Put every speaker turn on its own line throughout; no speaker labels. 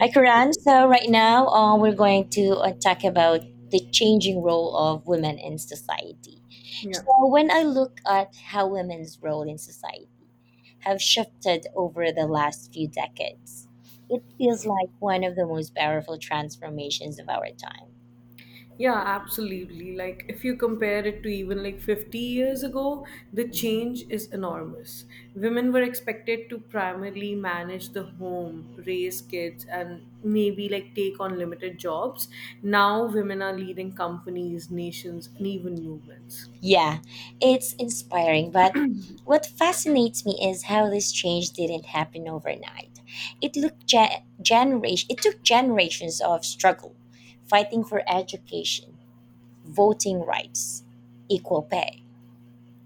Hi, Karan. So right now, we're going to talk about the changing role of women in society. So
Yeah.
when I look at how women's role in society have shifted over the last few decades, it feels like one of the most powerful transformations of our time.
Yeah, absolutely. Like if you compare it to even like 50 years ago, the change is enormous. Women were expected to primarily manage the home, raise kids and maybe like take on limited jobs. Now women are leading companies, nations, and even movements.
Yeah, it's inspiring, but what fascinates me is how this change didn't happen overnight. It looked ge- generation it took generations of struggle, fighting for education, voting rights, equal pay.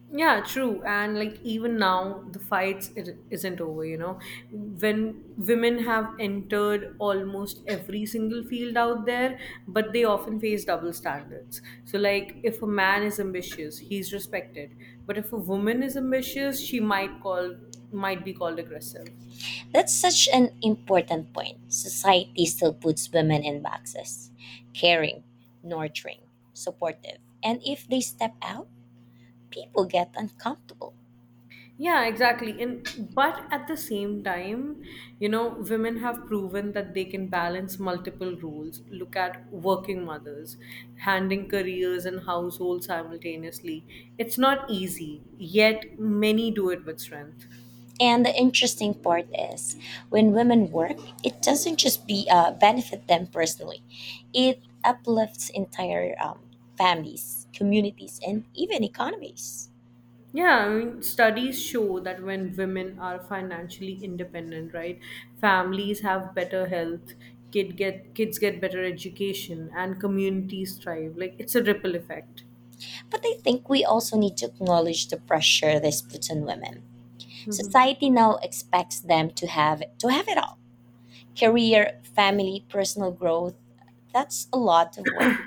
Yeah, true. And like even now, the fights it isn't over, When women have entered almost every single field out there, but they often face double standards. So like if a man is ambitious, he's respected. But if a woman is ambitious, she might call might be called aggressive.
That's such an important point. Society still puts women in boxes. Caring, nurturing, supportive. And if they step out, people get uncomfortable.
Yeah, exactly. And but at the same time, you know, women have proven that they can balance multiple roles. Look at working mothers, handling careers and household simultaneously. It's not easy, yet many do it with strength.
And the interesting part is, when women work, it doesn't just be benefit them personally; it uplifts entire families, communities, and even economies.
Yeah, I mean, studies show that when women are financially independent, right, families have better health, kids get better education, and communities thrive. Like it's a ripple effect.
But I think we also need to acknowledge the pressure this puts on women.
hmm
Society now expects them to have it all: career, family, personal growth. That's a lot of weight.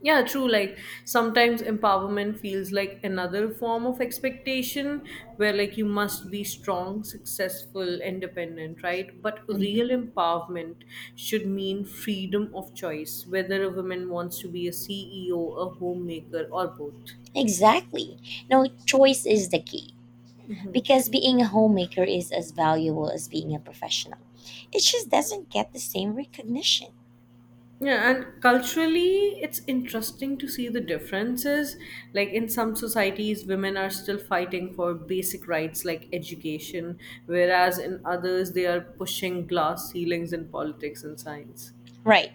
Yeah, true. Like sometimes empowerment feels like another form of expectation where like you must be strong, successful, independent, right? But real
Mhm.
empowerment should mean freedom of choice, whether a woman wants to be a CEO, a homemaker, or both.
Exactly. No, choice is the key, because being a homemaker is as valuable as being a professional. It just doesn't get the same recognition.
Yeah, and culturally, it's interesting to see the differences. Like in some societies, women are still fighting for basic rights like education, whereas in others, they are pushing glass ceilings in politics and science.
Right.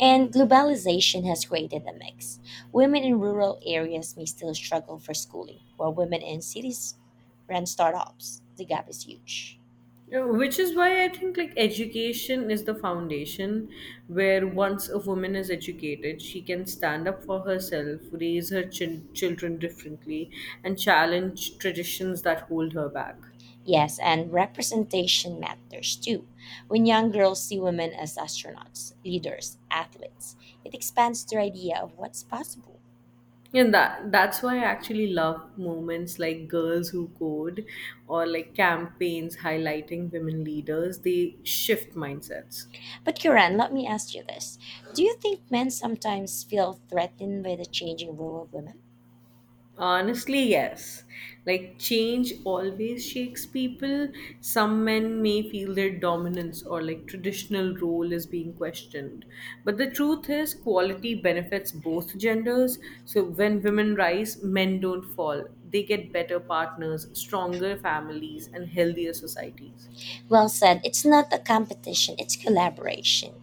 And globalization has created a mix. Women in rural areas may still struggle for schooling, while women in cities run startups. The gap is huge.
Yeah, which is why I think like education is the foundation where once a woman is educated, she can stand up for herself, raise her children differently, and challenge traditions that hold her back.
Yes, and representation matters too. When young girls see women as astronauts, leaders, athletes, it expands their idea of what's possible.
And that's why I actually love moments like Girls Who Code or like campaigns highlighting women leaders. They shift mindsets.
But Kiran, let me ask you this. Do you think men sometimes feel threatened by the changing role of women?
Honestly, yes. Like change always shakes people. Some men may feel their dominance or like traditional role is being questioned. But the truth is quality benefits both genders. So when women rise, men don't fall. They get better partners, stronger families, and healthier societies.
Well said, it's not a competition, it's collaboration.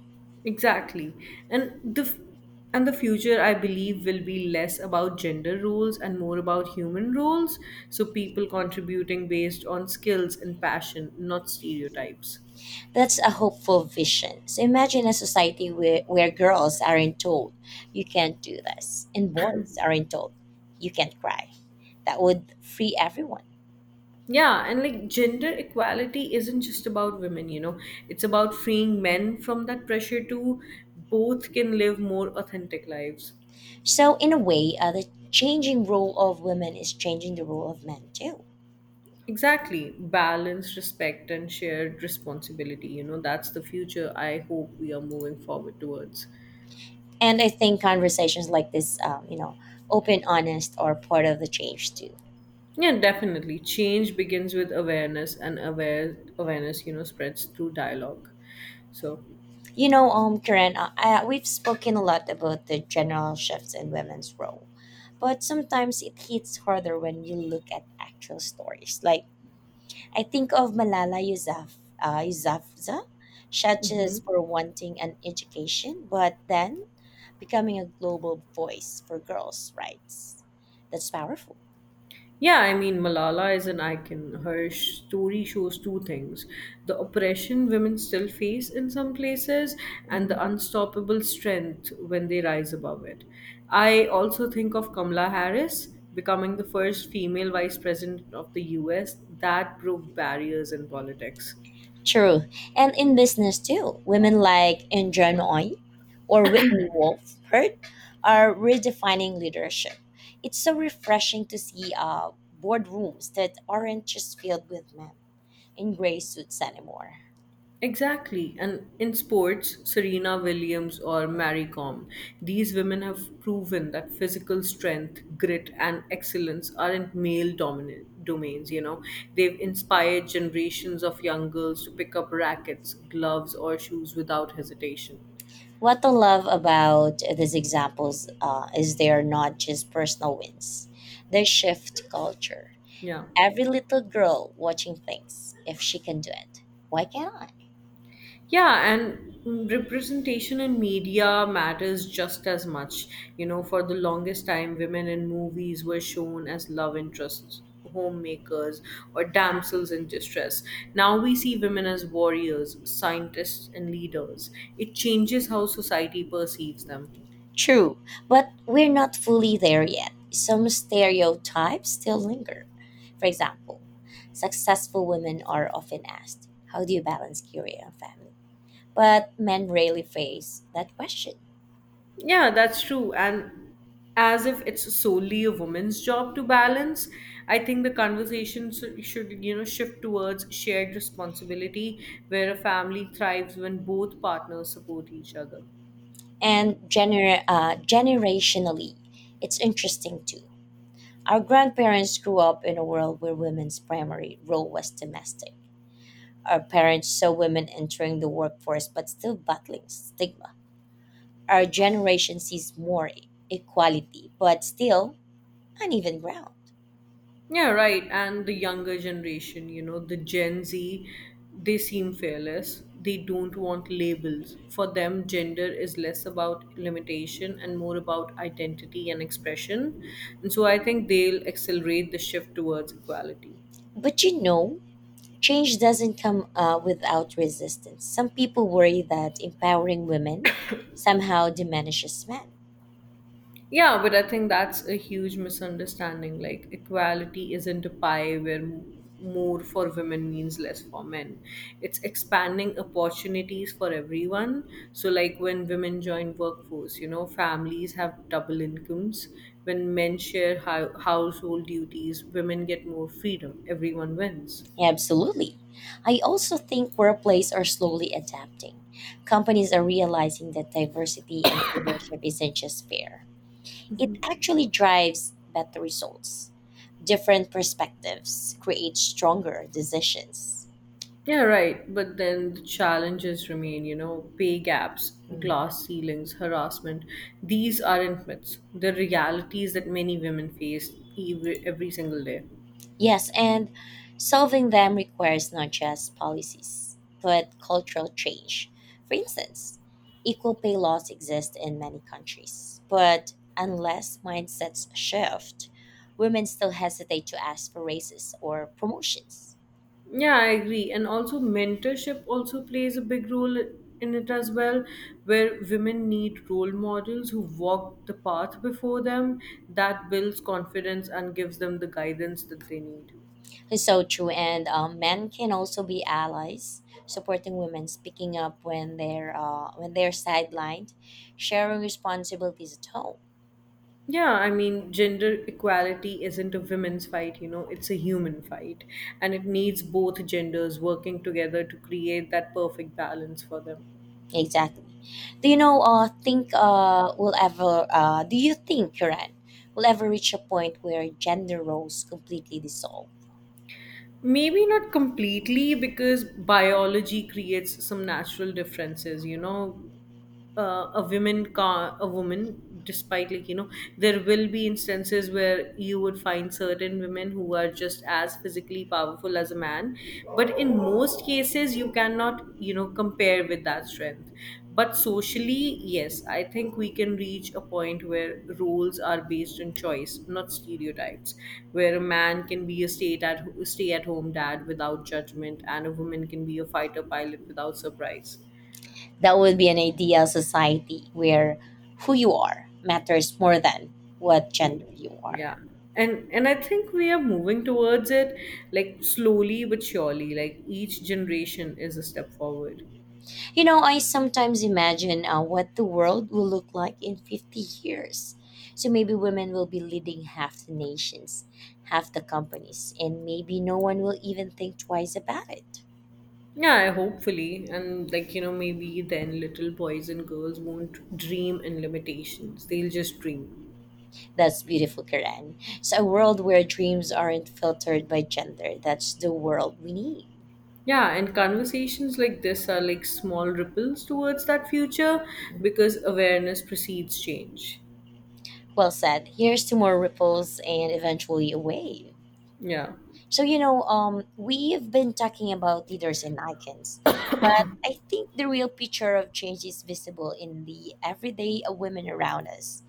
Exactly. And the f- and the future I believe will be less about gender roles and more about human roles, so people contributing based on skills and passion, not stereotypes.
That's a hopeful vision. So imagine a society where girls aren't told, you can't do this, and boys aren't told, you can't cry. That would free everyone.
Yeah, and like gender equality isn't just about women, you know. It's about freeing men from that pressure too. Both can live more authentic lives.
So, in a way, the changing role of women is changing the role of men too.
Exactly. Balance, respect, and shared responsibility. You know, that's the future I hope we are moving forward towards.
And I think conversations like this, open, honest, are part of the change too.
Yeah, definitely. Change begins with awareness, and awareness, you know, spreads through dialogue. So,
Karen, we've spoken a lot about the general shifts in women's role, but sometimes it hits harder when you look at actual stories. Like I think of Malala Yousaf, Yousafzai, such as for wanting an education, but then becoming a global voice for girls' rights. That's powerful.
yeah, I mean, Malala is an icon. Her story shows two things: the oppression women still face in some places, and the unstoppable strength when they rise above it. I also think of Kamala Harris becoming the first female vice president of the US that broke barriers in politics.
True. And in business too, women like Indra Nooyi or Whitney Wolf Hurt are redefining leadership. It's so refreshing to see boardrooms that aren't just filled with men in gray suits anymore.
Exactly. And in sports, Serena Williams or Mary Kom, these women have proven that physical strength, grit, and excellence aren't male dominant domains, you know. They've inspired generations of young girls to pick up rackets, gloves, or shoes without hesitation.
What I love about these examples is they are not just personal wins, they shift culture.
Yeah.
Every little girl watching thinks, if she can do it, why can't I?
Yeah, and representation in media matters just as much. You know, for the longest time, women in movies were shown as love interests, homemakers, or damsels in distress. Now we see women as warriors, scientists, and leaders. It changes how society perceives them.
True, but we're not fully there yet. Some stereotypes still linger. For example, successful women are often asked, how do you balance career and family? But men rarely face that question.
Yeah, that's true. And as if it's solely a woman's job to balance, I think the conversation should, you know, shift towards shared responsibility where a family thrives when both partners support each other.
And generationally, it's interesting too. Our grandparents grew up in a world where women's primary role was domestic. Our parents saw women entering the workforce but still battling stigma. Our generation sees more equality, but still uneven ground.
Yeah, right. And the younger generation, you know, the Gen Z, they seem fearless. They don't want labels. For them, gender is less about limitation and more about identity and expression. And so I think they'll accelerate the shift towards equality.
But you know, change doesn't come without resistance. Some people worry that empowering women somehow diminishes men.
Yeah, but I think that's a huge misunderstanding. Like, equality isn't a pie where more for women means less for men. It's expanding opportunities for everyone. So, like when women join workforce, you know, families have double incomes. When men share household duties, women get more freedom. Everyone wins.
Absolutely. I also think workplaces are slowly adapting. Companies are realizing that diversity in leadership isn't just fair, it actually drives better results. Different perspectives create stronger decisions.
Yeah, right. But then the challenges remain, you know, pay gaps,
Hmm.
glass ceilings, harassment. These aren't myths. They're realities that many women face every single day.
Yes, and solving them requires not just policies, but cultural change. For instance, equal pay laws exist in many countries, but unless mindsets shift, women still hesitate to ask for raises or promotions.
Yeah, I agree. And also, mentorship also plays a big role in it as well, where women need role models who walk the path before them that builds confidence and gives them the guidance that they need.
It's so true, and men can also be allies, supporting women, speaking up when they're sidelined, sharing responsibilities at home.
Yeah, I mean, gender equality isn't a women's fight, you know, it's a human fight. And it needs both genders working together to create that perfect balance for them.
Exactly. Do you know, think, will ever, Do you think, Kiran, will ever reach a point where gender roles completely dissolve?
Maybe not completely because biology creates some natural differences, you know, a woman, car a woman, despite like you know there will be instances where you would find certain women who are just as physically powerful as a man, but in most cases you cannot, you know, compare with that strength. But socially, yes, I think we can reach a point where roles are based on choice, not stereotypes, where a man can be a stay at home dad without judgment and a woman can be a fighter pilot without surprise.
That would be an ideal society where who you are matters more than what gender you are.
Yeah, and I think we are moving towards it, like slowly but surely. Like each generation is a step forward.
You know, I sometimes imagine what the world will look like in 50 years. So maybe women will be leading half the nations, half the companies, and maybe no one will even think twice about it.
Yeah, hopefully, and like you know maybe then little boys and girls won't dream in limitations, they'll just dream.
That's beautiful, Karen. So, a world where dreams aren't filtered by gender. That's the world we need.
Yeah, and conversations like this are like small ripples towards that future, because awareness precedes change.
Well said. Here's to more ripples and eventually a wave.
Yeah.
So, we've been talking about leaders and icons, but I think the real picture of change is visible in the everyday women around us.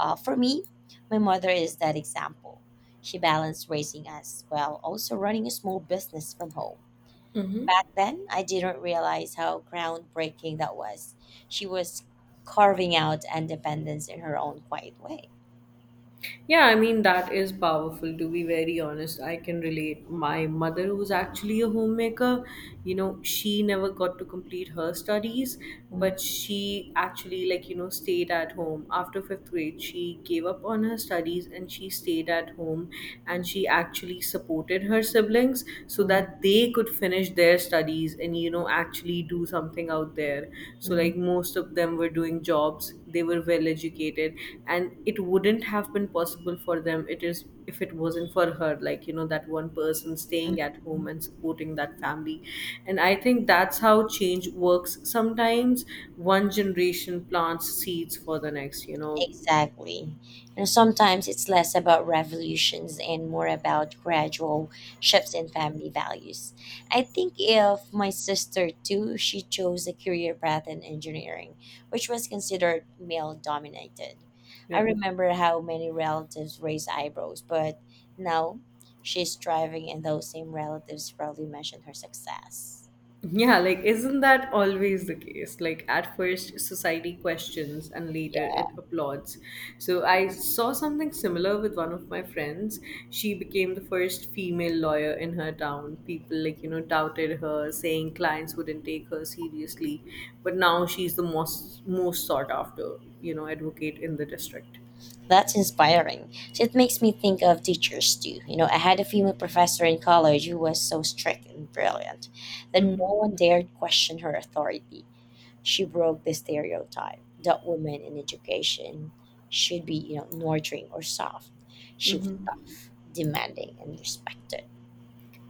For me, my mother is that example. She balanced raising us while also running a small business from home. Back then, I didn't realize how groundbreaking that was. She was carving out independence in her own quiet way.
Yeah, I mean, that is powerful to be very honest. I can relate. My mother, who's actually a homemaker, you know, she never got to complete her studies, but
Mm,
she actually, like, you know, stayed at home. After fifth grade, she gave up on her studies and she stayed at home, and she
mm,
actually supported her siblings so that
mm,
they could finish their studies and you know actually do something out there. So
mm,
like
mm,
most of them were doing jobs, they were well educated, and it wouldn't have been possible for them, it is if it wasn't for her, like you know, that one person staying at home
mm.
and supporting that family. And I think that's how change works sometimes. One generation plants seeds for the next, you know.
Exactly. And sometimes it's less about revolutions and more about gradual shifts in family values. I think if my sister too, she chose a career path in engineering, which was considered male dominated. I
Yeah.
remember how many relatives raised eyebrows, but now she's thriving and those same relatives proudly mention her success.
Yeah, like isn't that always the case? Like at first society questions and later it
Yeah.
applauds. So I saw something similar with one of my friends. She became the first female lawyer in her town. People like, you know, doubted her, saying clients wouldn't take her seriously, but now she's the most sought after, you know, advocate in the district.
That's inspiring. So it makes me think of teachers too. You know, I had a female professor in college who was so strict and brilliant that no
hmm
one dared question her authority. She broke the stereotype that women in education should be, you know, nurturing or soft. She was tough, demanding, and respected.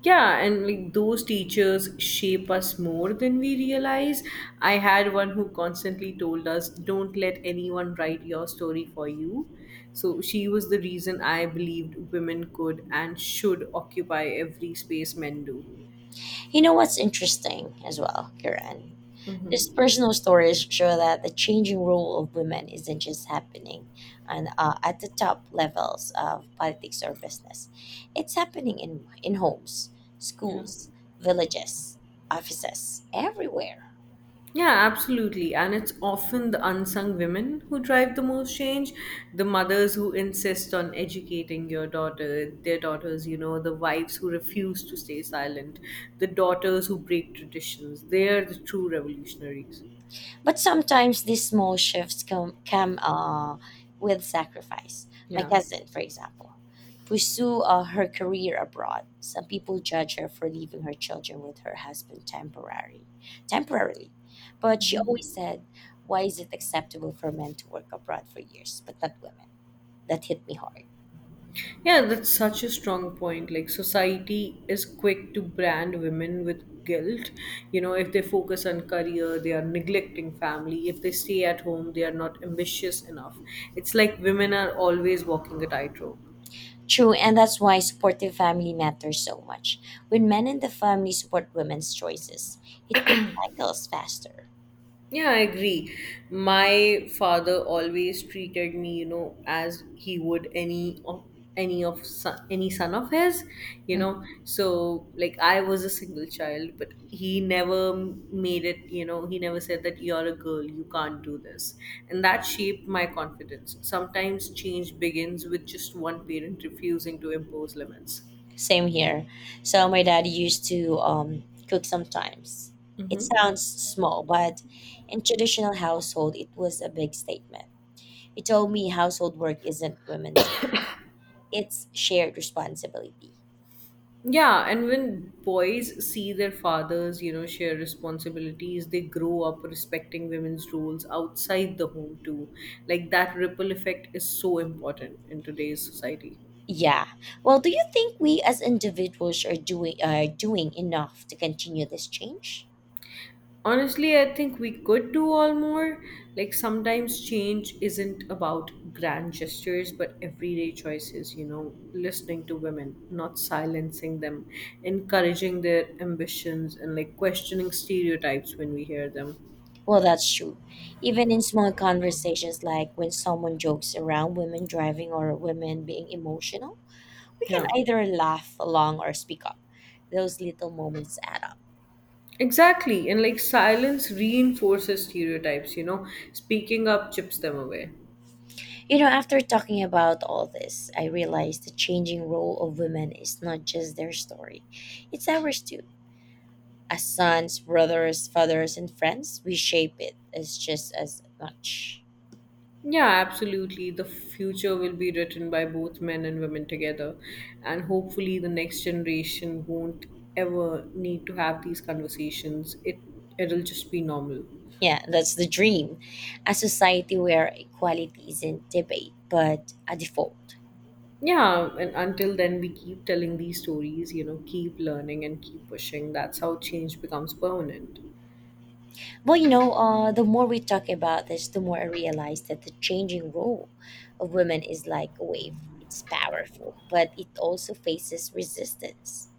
Yeah, and like those teachers shape us more than we realize. I had one who constantly told us, don't let anyone write your story for you. So she was the reason I believed women could and should occupy every space men do.
You know what's interesting as well, Kiran? These personal stories show that the changing role of women isn't just happening and at the top levels of politics or business. It's happening in homes, schools, villages, offices, everywhere.
Yeah, absolutely. And it's often the unsung women who drive the most change. The mothers who insist on educating your daughter, their daughters, you know, the wives who refuse to stay silent, the daughters who break traditions. They are the true revolutionaries.
But sometimes these small shifts come with sacrifice. My
Yeah.
cousin, for example, pursue her career abroad. Some people judge her for leaving her children with her husband temporarily. But she always said, "Why is it acceptable for men to work abroad for years, but not women?" That hit me hard.
Yeah, that's such a strong point. Like, society is quick to brand women with guilt. You know, if they focus on career, they are neglecting family. If they stay at home, they are not ambitious enough. It's like women are always walking a tightrope.
True, and that's why supportive family matters so much. When men in the family support women's choices, it breaks cycles faster.
Yeah, I agree. My father always treated me, you know, as he would any of son, any son of his, you know.
Mm.
So like I was a single child, but he never made it, you know, he never said that you're a girl, you can't do this. And that shaped my confidence. Sometimes change begins with just one parent refusing to impose limits.
Same here. So my dad used to cook sometimes. It
Mm-hmm.
sounds small, but in traditional household, it was a big statement. He told me household work isn't women's; it's shared responsibility.
Yeah, and when boys see their fathers, you know, share responsibilities, they grow up respecting women's roles outside the home too. Like that ripple effect is so important in today's society.
Yeah. Well, do you think we as individuals are doing enough to continue this change?
Honestly, I think we could do all more. Like sometimes change isn't about grand gestures, but everyday choices, you know, listening to women, not silencing them, encouraging their ambitions, and like questioning stereotypes when we hear them.
Well, that's true. Even in small conversations like when someone jokes around women driving or women being emotional, we can
Yeah.
either laugh along or speak up. Those little moments add up.
Exactly. And like silence reinforces stereotypes, you know, speaking up chips them away.
You know, after talking about all this, I realized the changing role of women is not just their story, it's ours too. As sons, brothers, fathers, and friends, we shape it as just as much.
Yeah, absolutely. The future will be written by both men and women together. And hopefully, the next generation won't ever need to have these conversations. It'll just be normal.
Yeah, that's the dream. A society where equality isn't debate, but a default.
Yeah, and until then, we keep telling these stories, you know, keep learning and keep pushing. That's how change becomes permanent.
Well, you know, the more we talk about this, the more I realize that the changing role of women is like a wave. It's powerful, but it also faces resistance.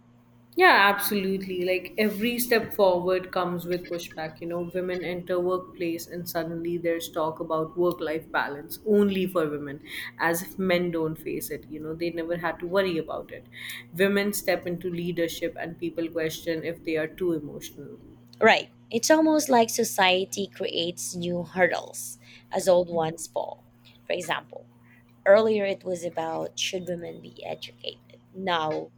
Yeah, absolutely. Like every step forward comes with pushback. You know, women enter workplace and suddenly there's talk about work-life balance only for women, as if men don't face it. You know, they never had to worry about it. Women step into leadership and people question if they are too emotional.
Right. It's almost like society creates new hurdles as old ones fall. For example, earlier it was about should women be educated? Now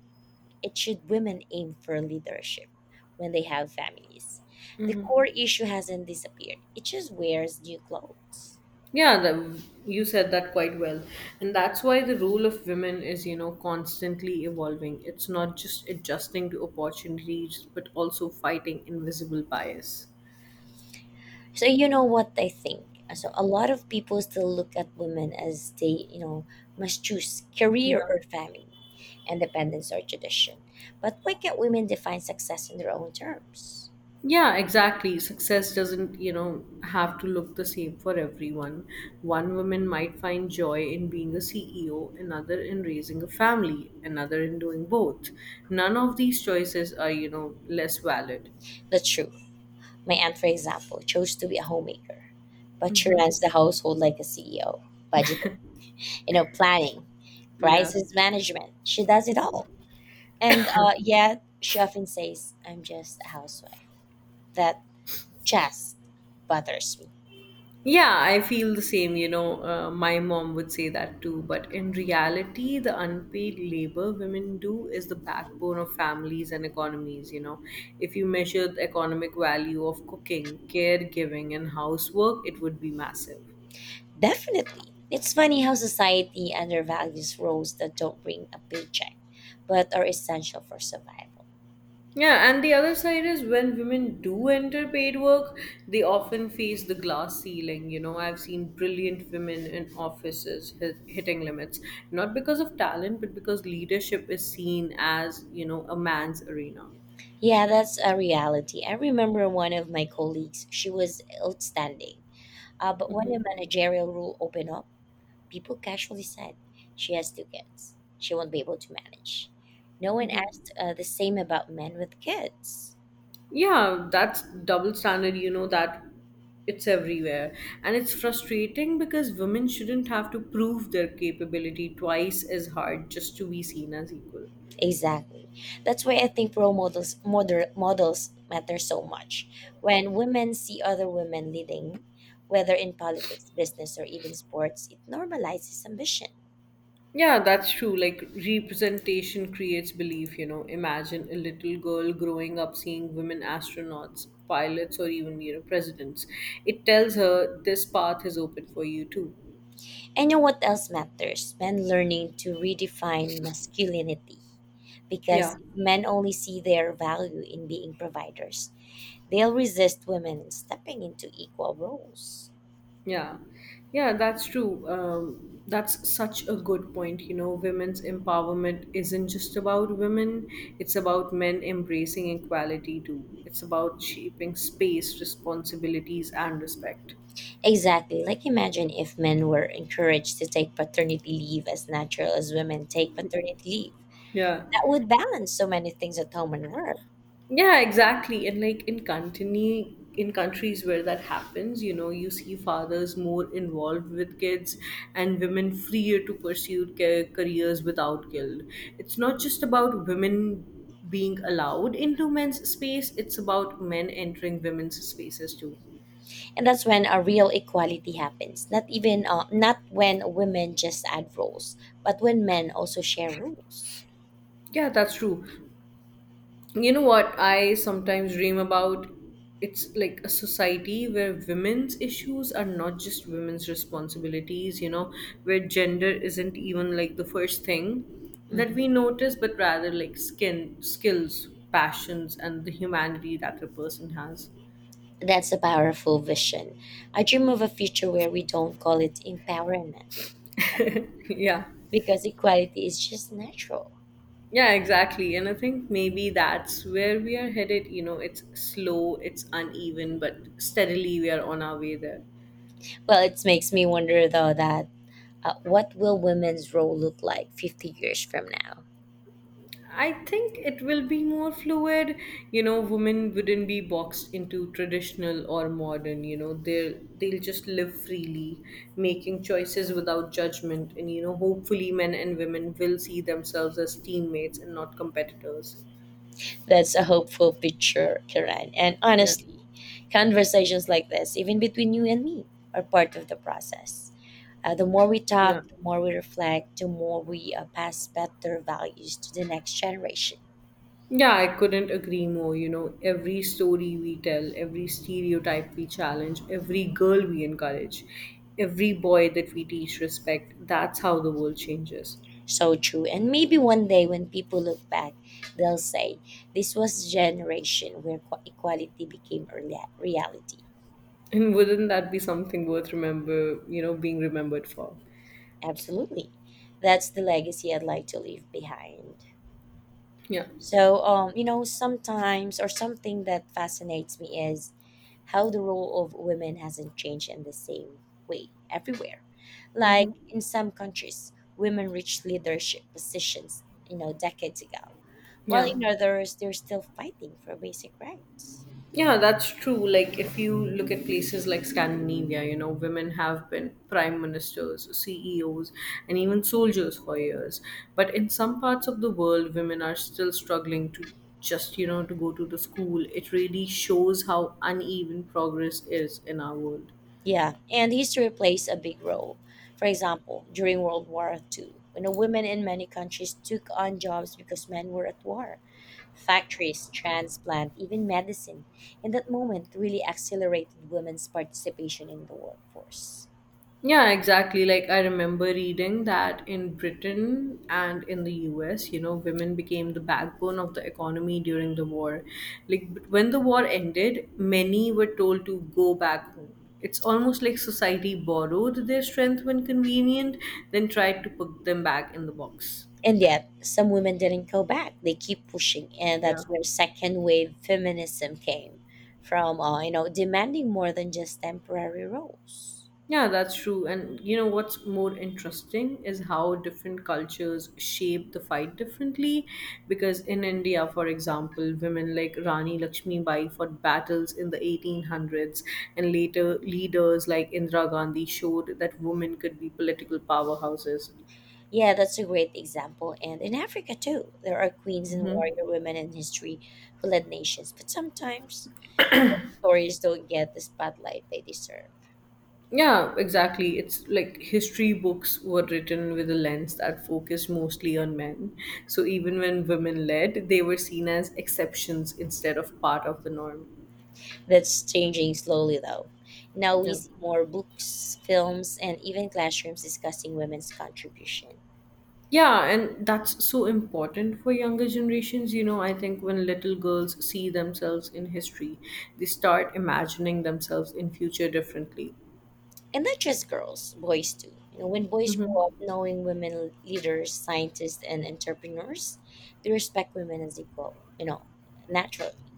it should women aim for leadership when they have families. The core issue hasn't disappeared, it just wears new clothes.
Yeah, you said that quite well. And that's why the role of women is constantly evolving. It's not just adjusting to opportunities, but also fighting invisible bias.
So you know what I think. So a lot of people still look at women as they, you know, must choose career or family, independence or tradition. But why can't women define success in their own terms?
Yeah, exactly. Success doesn't have to look the same for everyone. One woman might find joy in being a CEO, another in raising a family, another in doing both. None of these choices are less valid.
The truth. My aunt, for example, chose to be a homemaker, but she runs the household like a CEO, budgeting, you know, planning,
Yeah.
crisis management. She does it all. And yet, she often says, I'm just a housewife. That just bothers me.
Yeah, I feel the same. My mom would say that too. But in reality, the unpaid labor women do is the backbone of families and economies. If you measure the economic value of cooking, caregiving, and housework, it would be massive.
Definitely. It's funny how society undervalues roles that don't bring a paycheck, but are essential for survival.
Yeah, and the other side is when women do enter paid work, they often face the glass ceiling. You know, I've seen brilliant women in offices hitting limits, not because of talent, but because leadership is seen as a man's arena.
Yeah, that's a reality. I remember one of my colleagues, she was outstanding. But when a managerial role opened up, people casually said, she has two kids. She won't be able to manage. No one asked the same about men with kids.
Yeah, that's double standard, that it's everywhere. And it's frustrating because women shouldn't have to prove their capability twice as hard just to be seen as equal.
Exactly. That's why I think models matter so much. When women see other women leading, whether in politics, business, or even sports, it normalizes ambition.
Yeah, that's true. Like representation creates belief. Imagine a little girl growing up seeing women astronauts, pilots, or even presidents. It tells her this path is open for you too.
And you know what else matters? Men learning to redefine masculinity. Because
Yeah,
if men only see their value in being providers, they'll resist women stepping into equal roles.
yeah, yeah, that's true. That's such a good point. Women's empowerment isn't just about women, it's about men embracing equality too. It's about shaping space, responsibilities, and respect.
Exactly. Like imagine if men were encouraged to take paternity leave as natural as women take paternity leave.
Yeah.
That would balance so many things at home and work.
Yeah, exactly. And like in countries where that happens, you see fathers more involved with kids and women freer to pursue careers without guilt. It's not just about women being allowed into men's space, it's about men entering women's spaces too.
And that's when a real equality happens. Not when women just add roles, but when men also share roles.
Yeah, that's true. You know what I sometimes dream
Mm-hmm.
about? It's like a society where women's issues are not just women's responsibilities, where gender isn't even like the first thing that we notice, but rather like skin, skills, passions, and the humanity that the person has.
That's a powerful vision. I dream of a future where we don't call it empowerment anymore
Yeah.
because equality is just natural.
Yeah, exactly. And I think maybe that's where we are headed. It's slow, it's uneven, but steadily we are on our way there.
Well, it makes me wonder though that what will women's role look like 50 years from now?
I think it will be more fluid. Women wouldn't be boxed into traditional or modern. You know, they'll just live freely, making choices without judgment. And hopefully, men and women will see themselves as teammates and not competitors.
That's a hopeful picture, Kiran. And
Yeah,
honestly, conversations like this, even between you and me, are part of the process. The more we talk,
yeah.
the more we reflect, the more we pass better values to the next generation.
Yeah, I couldn't agree more. Every story we tell, every stereotype we challenge, every girl we encourage, every boy that we teach respect, that's how the world changes.
So true. And maybe one day when people look back, they'll say, this was a generation where equality became a reality.
And wouldn't that be something worth being remembered for?
Absolutely. That's the legacy I'd like to leave behind.
Yeah.
So, you know, sometimes or something that fascinates me is how the role of women hasn't changed in the same way everywhere. Like
Hmm.
in some countries, women reached leadership positions, you know, decades ago while
Yeah.
in others they're still fighting for basic rights.
Yeah, that's true. Like, if you look at places like Scandinavia, women have been prime ministers, CEOs, and even soldiers for years. But in some parts of the world, women are still struggling to just to go to the school. It really shows how uneven progress is in our world.
Yeah, and history plays a big role. For example, during World War II, when the women in many countries took on jobs because men were at war, factories, transplant, even medicine, in that moment really accelerated women's participation in the workforce.
Yeah, exactly. Like I remember reading that in Britain and in the US, women became the backbone of the economy during the war. Like when the war ended, many were told to go back home. It's almost like society borrowed their strength when convenient, then tried to put them back in the box.
And yet, some women didn't go back. They keep pushing, and
Yeah.
that's where second wave feminism came from, you know, demanding more than just temporary roles.
Yeah, that's true. And you know what's more interesting is how different cultures shape the fight differently. Because in India, for example, women like Rani Lakshmi Bai fought battles in the 1800s, and later leaders like Indira Gandhi showed that women could be political powerhouses.
Yeah, that's a great example. And in Africa too, there are queens and
Hmm.
warrior women in history who led nations, but sometimes stories don't get the spotlight they deserve.
Yeah, exactly. It's like history books were written with a lens that focused mostly on men. So even when women led, they were seen as exceptions instead of part of the norm.
That's changing slowly though. Now we
Yeah.
see more books, films, and even classrooms discussing women's contribution.
Yeah, and that's so important for younger generations. I think when little girls see themselves in history, they start imagining themselves in future differently.
And not just girls, boys too. You know, when boys
Mhm.
grow up knowing women leaders, scientists, and entrepreneurs, they respect women as equal, you know, naturally.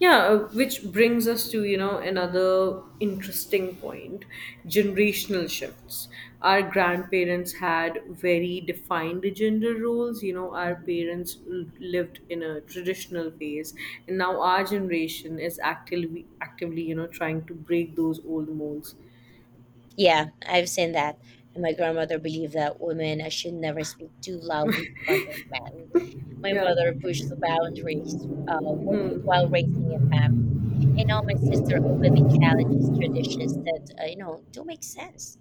Yeah, which brings us to another interesting point generational shifts. Our grandparents had very defined gender roles. Our
Mhm.
parents lived in a traditional phase, and now our generation is actively, trying to break those old molds.
Yeah, I've seen that. And my grandmother believed that women should never speak too loudly in front of men. My
Yeah.
mother pushed the boundaries, working while raising a family. And now my sister openly challenges traditions that, you know, don't make sense.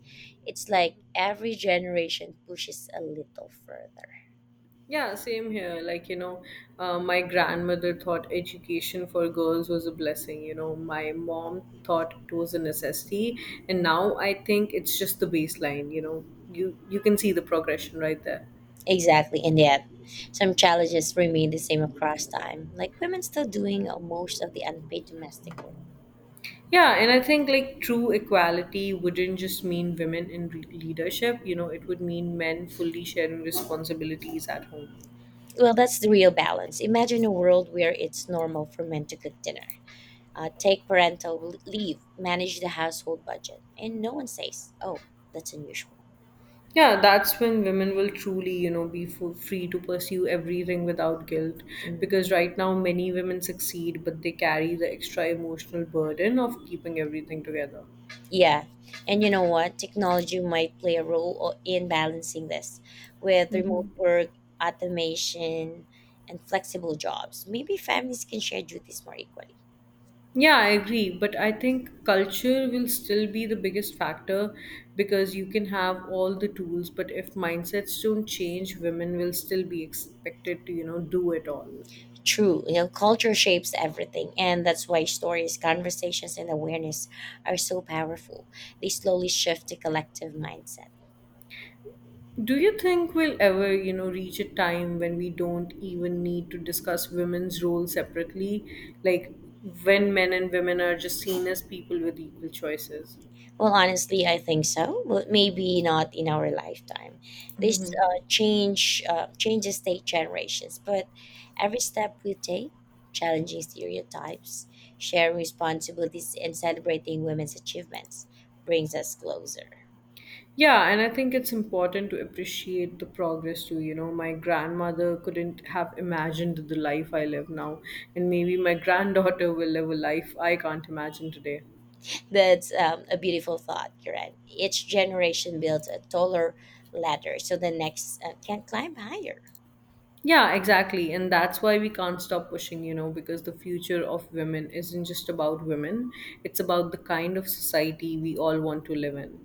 It's like every generation pushes a little further.
Yeah, same here. Like, my grandmother thought education for girls was a blessing. My mom thought it was a necessity, and now I think it's just the baseline. You can see the progression right there.
Exactly, and yet some challenges remain the same across time, like women still doing most of the unpaid domestic work.
Yeah, and I think like true equality wouldn't just mean women in leadership. It would mean men fully sharing responsibilities at home.
Well, that's the real balance. Imagine a world where it's normal for men to cook dinner, take parental leave, manage the household budget, and no one says, oh, that's unusual.
Yeah, that's when women will truly, be free to pursue everything without guilt.
Mm,
Because right now, many women succeed, but they carry the extra emotional burden of keeping everything together.
yeah. And you know what? Technology might play a role in balancing this with remote work, automation, and flexible jobs. Maybe families can share duties more equally.
Yeah, I agree. But I think culture will still be the biggest factor because you can have all the tools, but if mindsets don't change, women will still be expected to do it all.
True, you know, culture shapes everything, and that's why stories, conversations, and awareness are so powerful. They slowly shift the collective mindset.
Do you think we'll ever, reach a time when we don't even need to discuss women's role separately? Like when men and women are just seen as people with equal choices?
Well, honestly, I think so, but maybe not in our lifetime. This changes take generations, but every step we take, challenging stereotypes, sharing responsibilities, and celebrating women's achievements, brings us closer.
Yeah, and I think it's important to appreciate the progress too. My grandmother couldn't have imagined the life I live now, and maybe my granddaughter will live a life I can't imagine today.
That's a beautiful thought, Kiran. Each generation builds a taller ladder so the next can climb higher.
Yeah, exactly. And that's why we can't stop pushing, because the future of women isn't just about women, it's about the kind of society we all want to live in.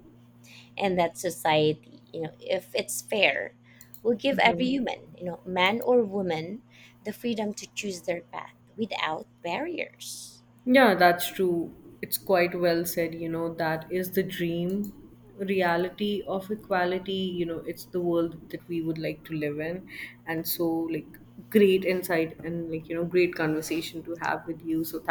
And that society, you know, if it's fair, will give every human, you know, man or woman, the freedom to choose their path without barriers.
Yeah, that's true. It's quite well said, you know, that is the dream reality of equality, it's the world that we would like to live in. And so, like, great insight and, like, great conversation to have with you. So,